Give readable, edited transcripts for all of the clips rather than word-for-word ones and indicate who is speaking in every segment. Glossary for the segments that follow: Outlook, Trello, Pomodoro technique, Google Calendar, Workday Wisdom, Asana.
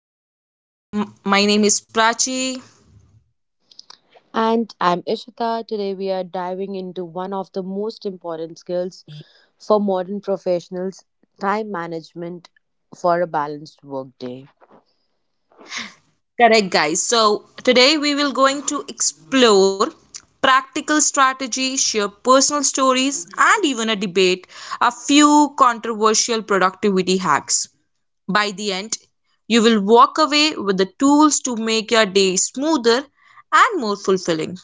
Speaker 1: Wisdom. My name is Prachi.
Speaker 2: And I'm Ishita. Today we are diving into one of the most important skills for modern professionals, time management for a balanced workday.
Speaker 1: Correct, guys. So, today we will going to explore practical strategy, share personal stories, and even a debate a few controversial productivity hacks. By the end, you will walk away with the tools to make your day smoother and more fulfilling.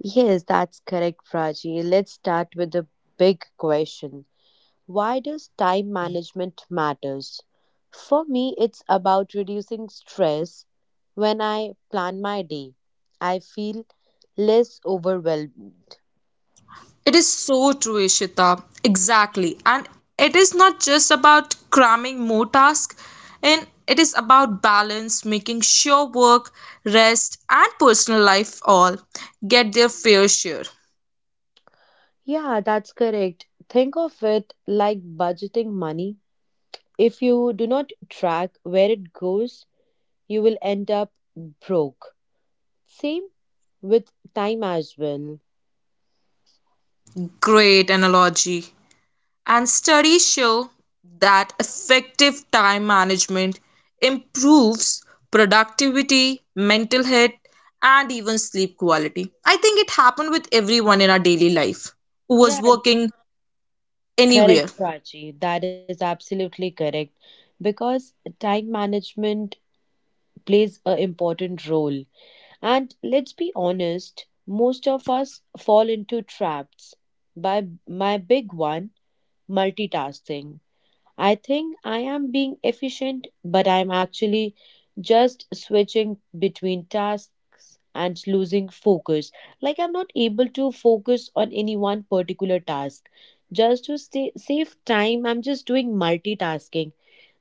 Speaker 2: Yes, that's correct, Prachi. Let's start with the big question: why does time management matters? For me, it's about reducing stress. When I plan my day, I feel less overwhelmed.
Speaker 1: It is so true, Ishita. Exactly. And it is not just about cramming more tasks, and it is about balance, making sure work, rest, and personal life all get their fair share.
Speaker 2: Yeah, that's correct. Think of it like budgeting money. If you do not track where it goes, you will end up broke. Same with time as well.
Speaker 1: Great analogy. And studies show that effective time management improves productivity, mental health, and even sleep quality. I think it happened with everyone in our daily life who was
Speaker 2: Yeah,
Speaker 1: working
Speaker 2: correct,
Speaker 1: anywhere.
Speaker 2: Prachi. That is absolutely correct. Because time management plays an important role. And let's be honest, most of us fall into traps. By my big one, multitasking. I think I am being efficient, but I'm actually just switching between tasks and losing focus. Like I'm not able to focus on any one particular task. Just to stay, save time, I'm just doing multitasking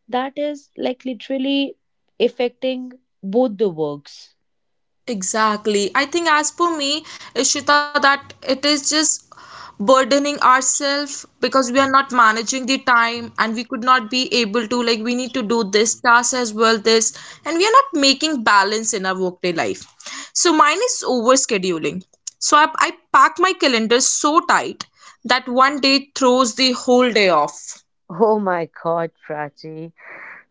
Speaker 2: that is like literally affecting both the works.
Speaker 1: Exactly. I think as for me, Ishita, that it is just burdening ourselves because we are not managing the time and we could not be able to, like, we need to do this task as well, this, and we are not making balance in our workday life. So mine is over scheduling. So I pack my calendar so tight that one day throws the whole day off.
Speaker 2: Oh my God, Prachi.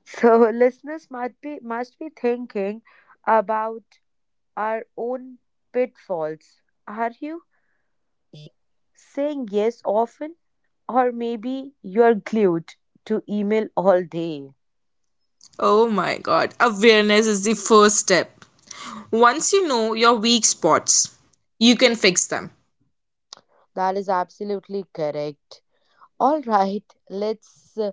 Speaker 2: So listeners must be thinking about our own pitfalls. Are you saying yes often, or maybe you're glued to email all day?
Speaker 1: Oh my God. Awareness is the first step. Once you know your weak spots, you can fix them.
Speaker 2: That is absolutely correct. All right, let's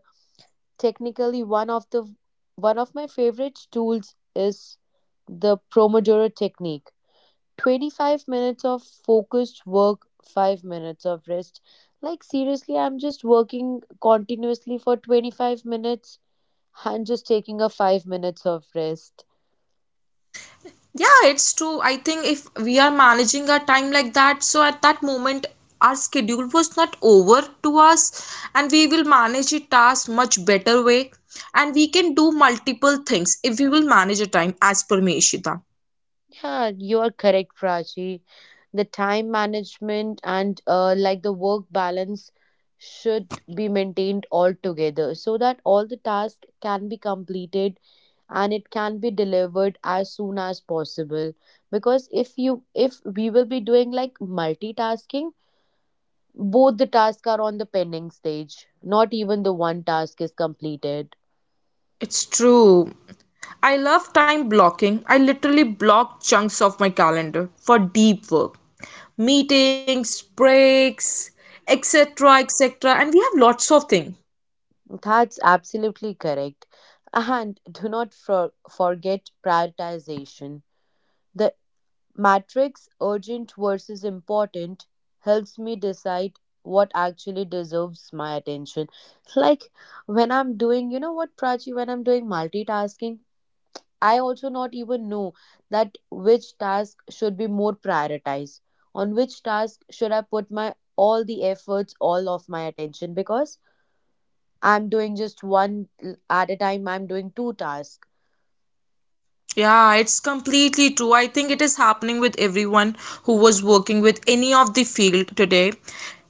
Speaker 2: technically one of my favorite tools is the Pomodoro technique. 25 minutes of focused work, 5 minutes of rest. Like seriously, I'm just working continuously for 25 minutes and just taking a 5 minutes of rest.
Speaker 1: Yeah, it's true. I think if we are managing our time like that, so at that moment, our schedule was not over to us, and we will manage a task much better way. And we can do multiple things if we will manage our time as per me, Ishita.
Speaker 2: Yeah, you are correct, Prachi. The time management and like the work balance should be maintained altogether so that all the tasks can be completed and it can be delivered as soon as possible. Because if we will be doing like multitasking, both the tasks are on the pending stage. Not even the one task is completed.
Speaker 1: It's true. I love time blocking. I literally block chunks of my calendar for deep work, meetings, breaks, etc., etc. And we have lots of things.
Speaker 2: That's absolutely correct. And do not forget prioritization. The matrix urgent versus important helps me decide what actually deserves my attention. Like when I'm doing, you know what, Prachi, when I'm doing multitasking, I also not even know that which task should be more prioritized. On which task should I put my all the efforts, all of my attention? Because I'm doing just at a time, I'm doing two tasks.
Speaker 1: Yeah, it's completely true. I think it is happening with everyone who was working with any of the field today.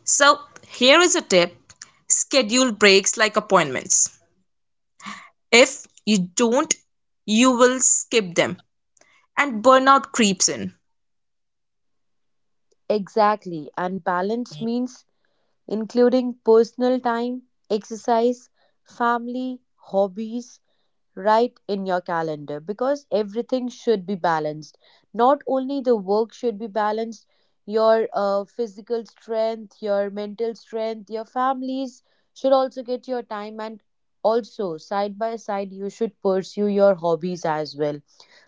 Speaker 1: So, here is a tip: schedule breaks like appointments. If you don't, you will skip them and burnout creeps in.
Speaker 2: Exactly. And balance means including personal time, exercise, family, hobbies, right in your calendar because everything should be balanced. Not only the work should be balanced, your physical strength, your mental strength, your families should also get your time and also side by side you should pursue your hobbies as well.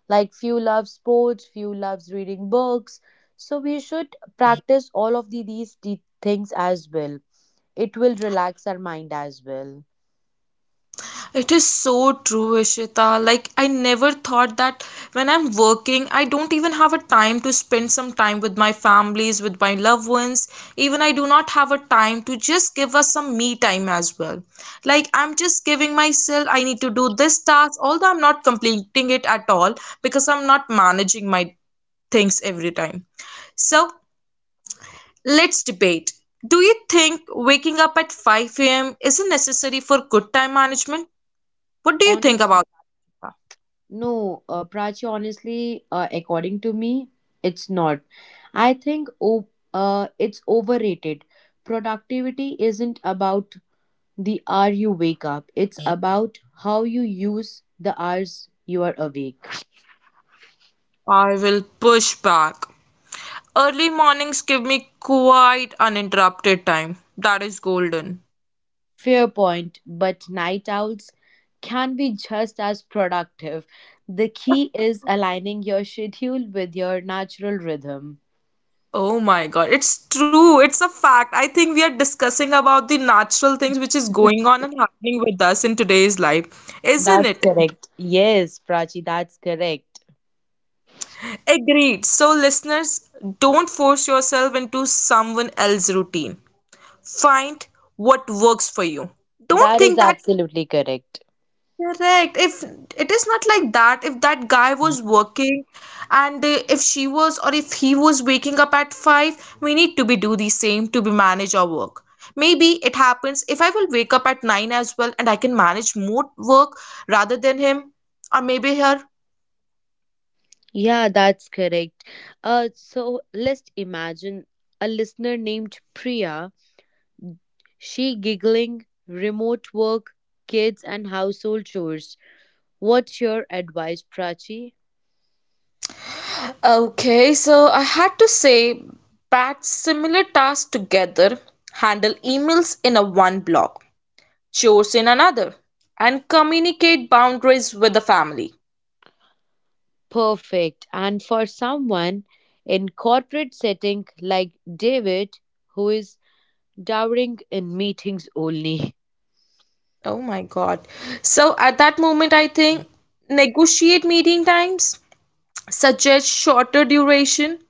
Speaker 2: Like few love sports, few loves reading books. So we should practice all of these things as well. It will relax our mind as well.
Speaker 1: It is so true, Ishita. Like, I never thought that when I'm working, I don't even have a time to spend some time with my families, with my loved ones. Even I do not have a time to just give us some me time as well. Like, I'm just giving myself, I need to do this task, although I'm not completing it at all because I'm not managing my things every time. So, let's debate. Do you think waking up at 5 a.m. isn't necessary for good time management? What do you think
Speaker 2: Honestly,
Speaker 1: about that, Ishita?
Speaker 2: no, Prachi, honestly, according to me, it's not. I think it's overrated. Productivity isn't about the hour you wake up, it's about how you use the hours you are awake.
Speaker 1: I will push back. Early mornings give me quite uninterrupted time. That is golden.
Speaker 2: Fair point, but night owls can be just as productive. The key is aligning your schedule with your natural rhythm.
Speaker 1: Oh my God, it's true. It's a fact. I think we are discussing about the natural things which is going on and happening with us in today's life, isn't
Speaker 2: That's
Speaker 1: it?
Speaker 2: correct. Yes, Prachi, that's correct.
Speaker 1: Agreed. So, listeners, don't force yourself into someone else's routine. Find what works for you. Don't
Speaker 2: That is
Speaker 1: think that.
Speaker 2: absolutely correct.
Speaker 1: Correct. If it is not like that, if that guy was working and if she was or if he was waking up at 5, we need to be do the same to be manage our work. Maybe it happens if I will wake up at 9 as well and I can manage more work rather than him or maybe her.
Speaker 2: Yeah, that's correct. So let's imagine a listener named Priya. She giggling, remote work, kids, and household chores. What's your advice, Prachi?
Speaker 1: Okay, so I had to say batch similar tasks together, handle emails in a one block, chores in another, and communicate boundaries with the family.
Speaker 2: Perfect. And for someone in corporate setting like David, who is dowering in meetings only.
Speaker 1: Oh my God. So at that moment, I think negotiate meeting times, suggest shorter duration,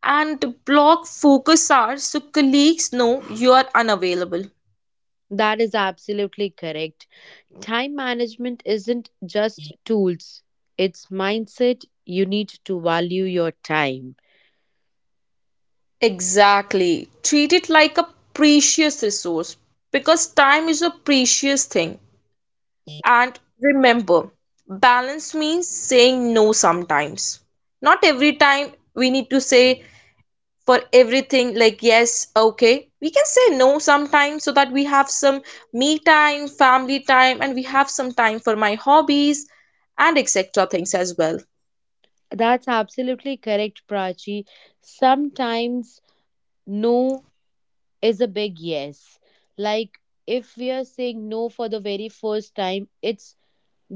Speaker 1: and block focus hours so colleagues know you are unavailable.
Speaker 2: That is absolutely correct. Time management isn't just tools, it's mindset. You need to value your time.
Speaker 1: Exactly. Treat it like a precious resource because time is a precious thing. And remember, balance means saying no sometimes. Not every time we need to say for everything like yes, okay, we can say no sometimes so that we have some me time, family time, and we have some time for my hobbies and etc things as well.
Speaker 2: That's absolutely correct, Prachi. Sometimes no is a big yes. Like if we are saying no for the very first time, it's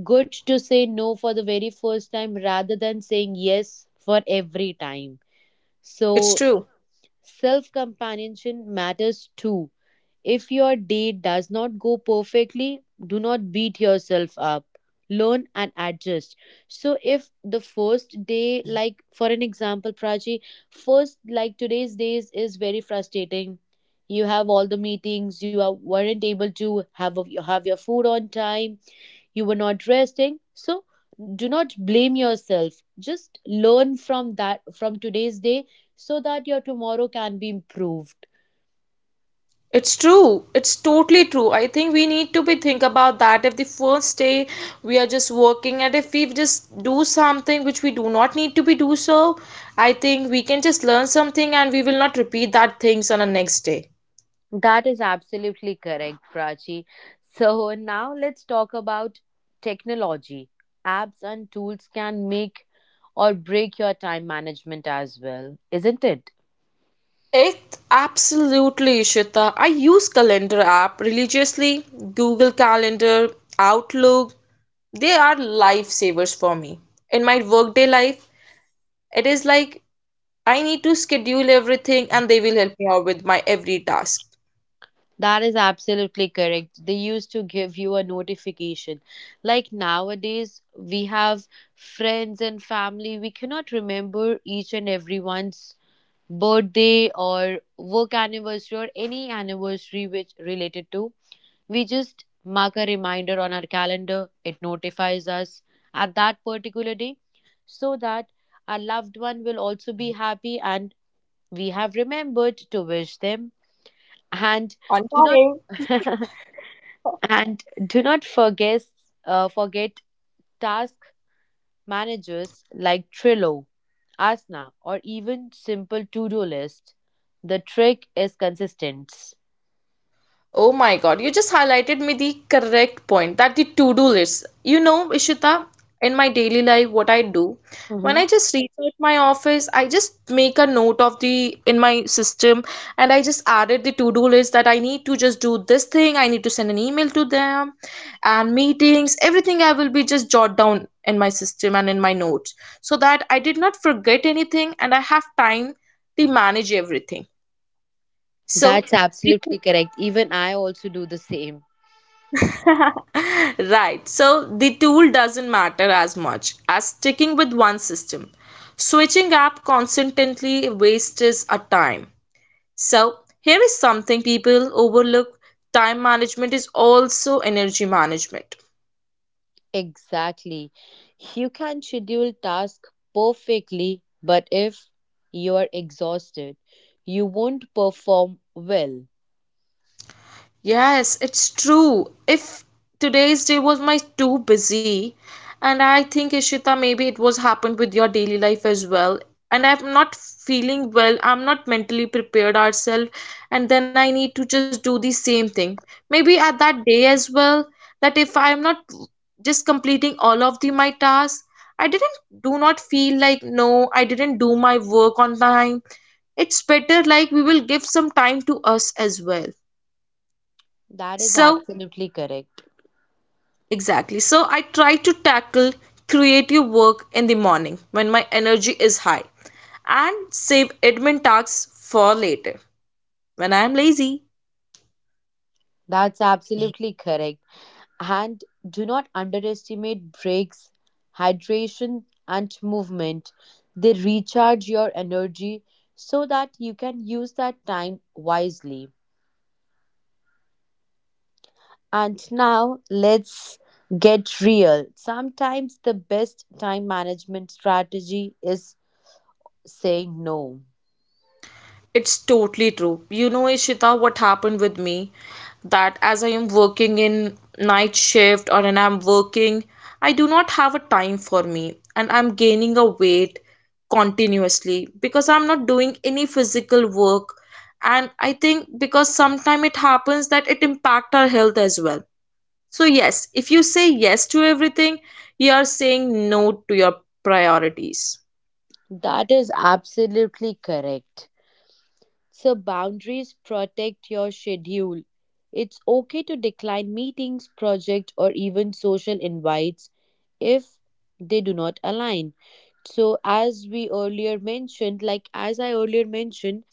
Speaker 2: good to say no for the very first time rather than saying yes for every time.
Speaker 1: It's
Speaker 2: So,
Speaker 1: true.
Speaker 2: self companionship matters too. If your day does not go perfectly, do not beat yourself up. Learn and adjust. So, if the first day, like for an example, Prachi, first, like today's days is very frustrating. You have all the meetings, weren't able to have your food on time, you were not resting, so do not blame yourself, just learn from that, from today's day, so that your tomorrow can be improved.
Speaker 1: It's totally true. I think we need to be think about that if the first day we are just working and if we just do something which we do not need to be do, so I think we can just learn something and we will not repeat that things on the next day.
Speaker 2: That is absolutely correct, Prachi. So now let's talk about technology. Apps and tools can make or break your time management as well, isn't it?
Speaker 1: It absolutely, Ishita. I use calendar app religiously, Google Calendar, Outlook. They are lifesavers for me. In my workday life, it is like I need to schedule everything and they will help me out with my every task.
Speaker 2: That is absolutely correct. They used to give you a notification. Like nowadays, we have friends and family. We cannot remember each and everyone's birthday or work anniversary or any anniversary which related to. We just mark a reminder on our calendar. It notifies us at that particular day so that our loved one will also be happy and we have remembered to wish them. And
Speaker 1: On.
Speaker 2: do not and do not forget task managers like Trello, Asana, or even simple to do list. The trick is consistency.
Speaker 1: Oh my God, you just highlighted me the correct point that the to-do list. You know, Ishita, in my daily life, what I do, when I
Speaker 2: Hmm.
Speaker 1: just reach out my office, I just make a note of the in my system and I just added the to-do list that I need to just do this thing, I need to send an email to them and meetings, everything I will be just jot down in my system and in my notes so that I did not forget anything and I have time to manage everything. So,
Speaker 2: That's
Speaker 1: the
Speaker 2: absolutely correct. Even I also do the same.
Speaker 1: right, so the tool doesn't matter as much as sticking with one system. Switching app constantly wastes our time. So, here is something people overlook: time management is also energy management.
Speaker 2: Exactly. You can schedule tasks perfectly, but if you are exhausted, you won't perform well.
Speaker 1: Yes, it's true. If today's day was my too busy, and I think Ishita, maybe it was happened with your daily life as well. And I'm not feeling well, I'm not mentally prepared ourselves, and then I need to just do the same thing. Maybe at that day as well, that if I'm not just completing all of the my tasks, I didn't do not feel like no, I didn't do my work on time. It's better like we will give some time to us as well.
Speaker 2: That is
Speaker 1: So
Speaker 2: absolutely correct.
Speaker 1: exactly. So I try to tackle creative work in the morning when my energy is high and save admin tasks for later when I am lazy.
Speaker 2: That's absolutely correct. And do not underestimate breaks, hydration, and movement. They recharge your energy so that you can use that time wisely. And now let's get real. Sometimes the best time management strategy is saying no.
Speaker 1: It's totally true. You know, Ishita, what happened with me that as I am working in night shift or and I'm working, I do not have a time for me and I'm gaining a weight continuously because I'm not doing any physical work and I think because sometimes it happens that it impact our health as well. So yes, if you say yes to everything, you are saying no to your priorities,
Speaker 2: That is absolutely correct. So, boundaries protect your schedule. It's okay to decline meetings, projects, or even social invites if they do not align. So, as we earlier mentioned, like as I earlier mentioned,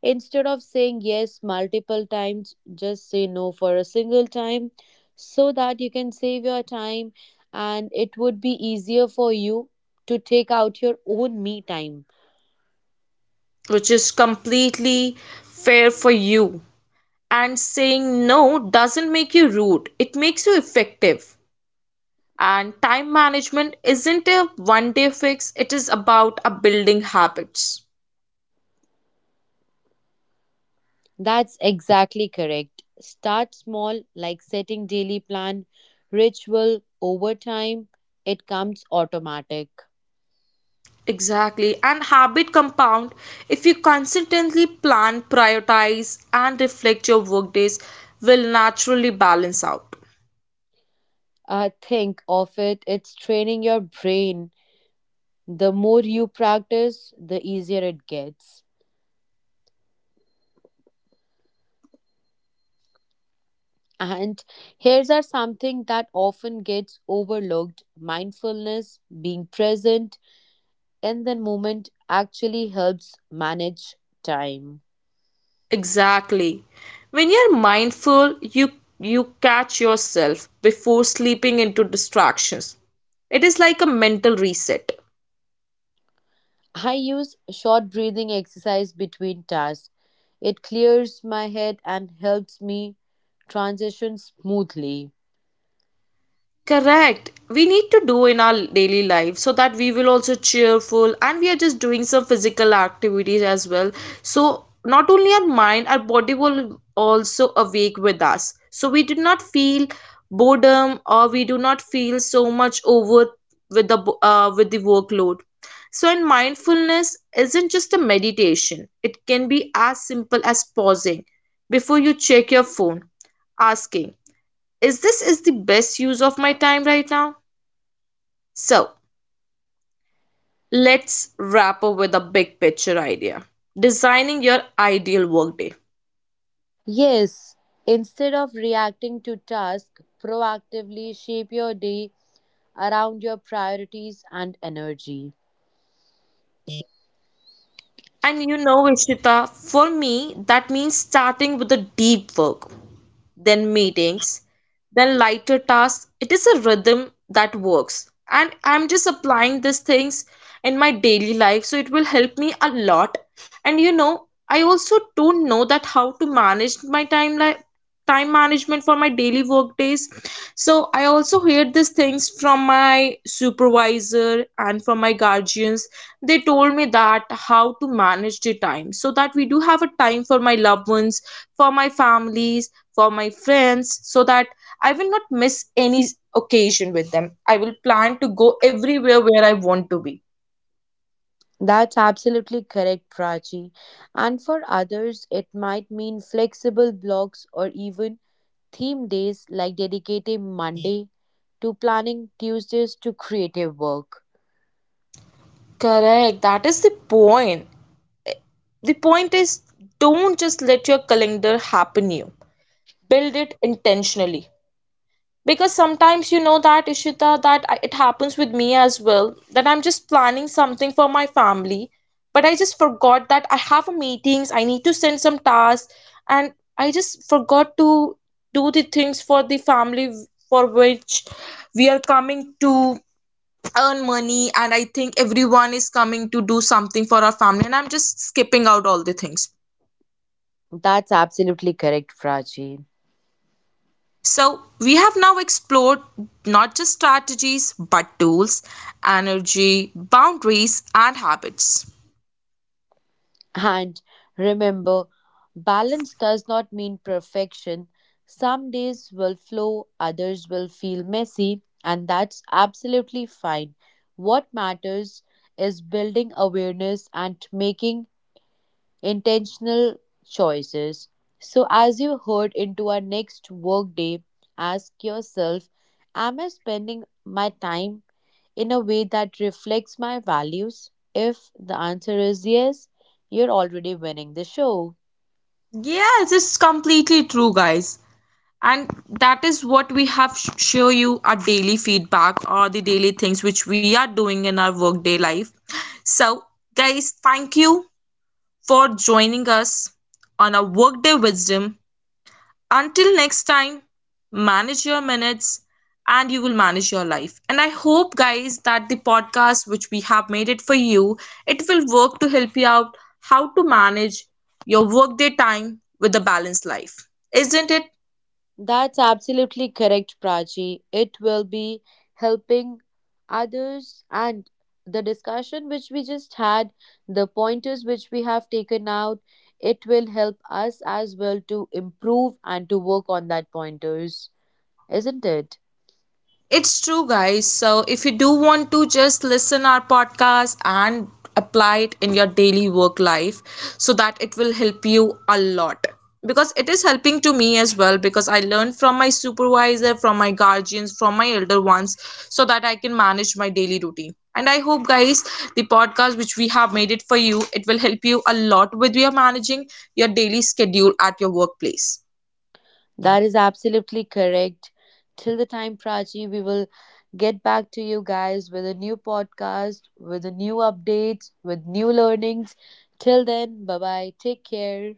Speaker 2: instead of saying yes multiple times, just say no for a single time so that you can save your time and it would be easier for you to take out your own me time.
Speaker 1: which is completely fair for you. And saying no doesn't make you rude, it makes you effective. And time management isn't a one day fix, it is about a building habits.
Speaker 2: That's exactly correct. Start small, like setting daily plan, ritual. Over time, it comes automatic.
Speaker 1: Exactly. And habit compound if you consistently plan, prioritize, and reflect your workdays, will naturally balance out.
Speaker 2: Think of it, it's training your brain. The more you practice, the easier it gets. And here's are something that often gets overlooked: mindfulness, being present in the moment actually helps manage time.
Speaker 1: Exactly. When you're mindful, you catch yourself before sleeping into distractions. It is like a mental reset.
Speaker 2: I use short breathing exercise between tasks. It clears my head and helps me transition smoothly.
Speaker 1: Correct. We need to do in our daily life so that we will also cheerful and we are just doing some physical activities as well. So not only our mind, our body will also awake with us. So we do not feel boredom or we do not feel so much over with the with the workload. So in mindfulness isn't just a meditation. It can be as simple as pausing before you check your phone, asking, is this is the best use of my time right now? So let's wrap up with a big picture idea: designing your ideal workday.
Speaker 2: Yes, instead of reacting to tasks, proactively shape your day around your priorities and energy.
Speaker 1: And you know, Ishita, for me that means starting with the deep work, then meetings, then lighter tasks. It is a rhythm that works. And I'm just applying these things in my daily life, so it will help me a lot. And you know, I also don't know that how to manage my time, like time management for my daily work days. So I also heard these things from my supervisor and from my guardians. They told me that how to manage the time so that we do have a time for my loved ones, for my families, for my friends, so that I will not miss any occasion with them. I will plan to go everywhere where I want to be.
Speaker 2: That's absolutely correct, Prachi. And for others, it might mean flexible blocks or even theme days like dedicating Monday to planning, Tuesdays to creative work.
Speaker 1: Correct. That is the point. The point is, don't just let your calendar happen you. Build it intentionally. Because sometimes you know that, Ishita, that it happens with me as well that I'm just planning something for my family but I just forgot that I have meetings, I need to send some tasks, and I just forgot to do the things for the family for which we are coming to earn money, and I think everyone is coming to do something for our family and I'm just skipping out all the things.
Speaker 2: That's absolutely correct, Prachi.
Speaker 1: So, we have now explored not just strategies but tools, energy, boundaries, and habits.
Speaker 2: And remember, balance does not mean perfection. Some days will flow, others will feel messy, and that's absolutely fine. What matters is building awareness and making intentional choices. So, as you head into our next workday, ask yourself: am I spending my time in a way that reflects my values? If the answer is yes, you're already winning the show.
Speaker 1: Yes, it's completely true, guys. And that is what we have show you our daily feedback or the daily things which we are doing in our workday life. So, guys, thank you for joining us on our Workday Wisdom. Until next time, manage your minutes and you will manage your life. And I hope, guys, that the podcast which we have made it for you, it will work to help you out how to manage your workday time with a balanced life. Isn't it?
Speaker 2: That's absolutely correct, Prachi. It will be helping others, and the discussion which we just had, the pointers which we have taken out, it will help us as well to improve and to work on that pointers, isn't it?
Speaker 1: It's true, guys. So if you do want to just listen our podcast and apply it in your daily work life so that it will help you a lot, because it is helping to me as well, because I learned from my supervisor, from my guardians, from my elder ones so that I can manage my daily routine. And I hope, guys, the podcast which we have made it for you, it will help you a lot with your managing your daily schedule at your workplace.
Speaker 2: That is absolutely correct. Till the time, Prachi, we will get back to you guys with a new podcast, with a new updates, with new learnings. Till then, bye bye. Take care.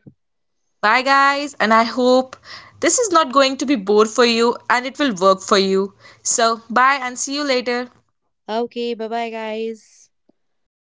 Speaker 1: Bye, guys, and I hope this is not going to be bored for you and it will work for you. So, bye and see you later.
Speaker 2: Okay, bye bye, guys.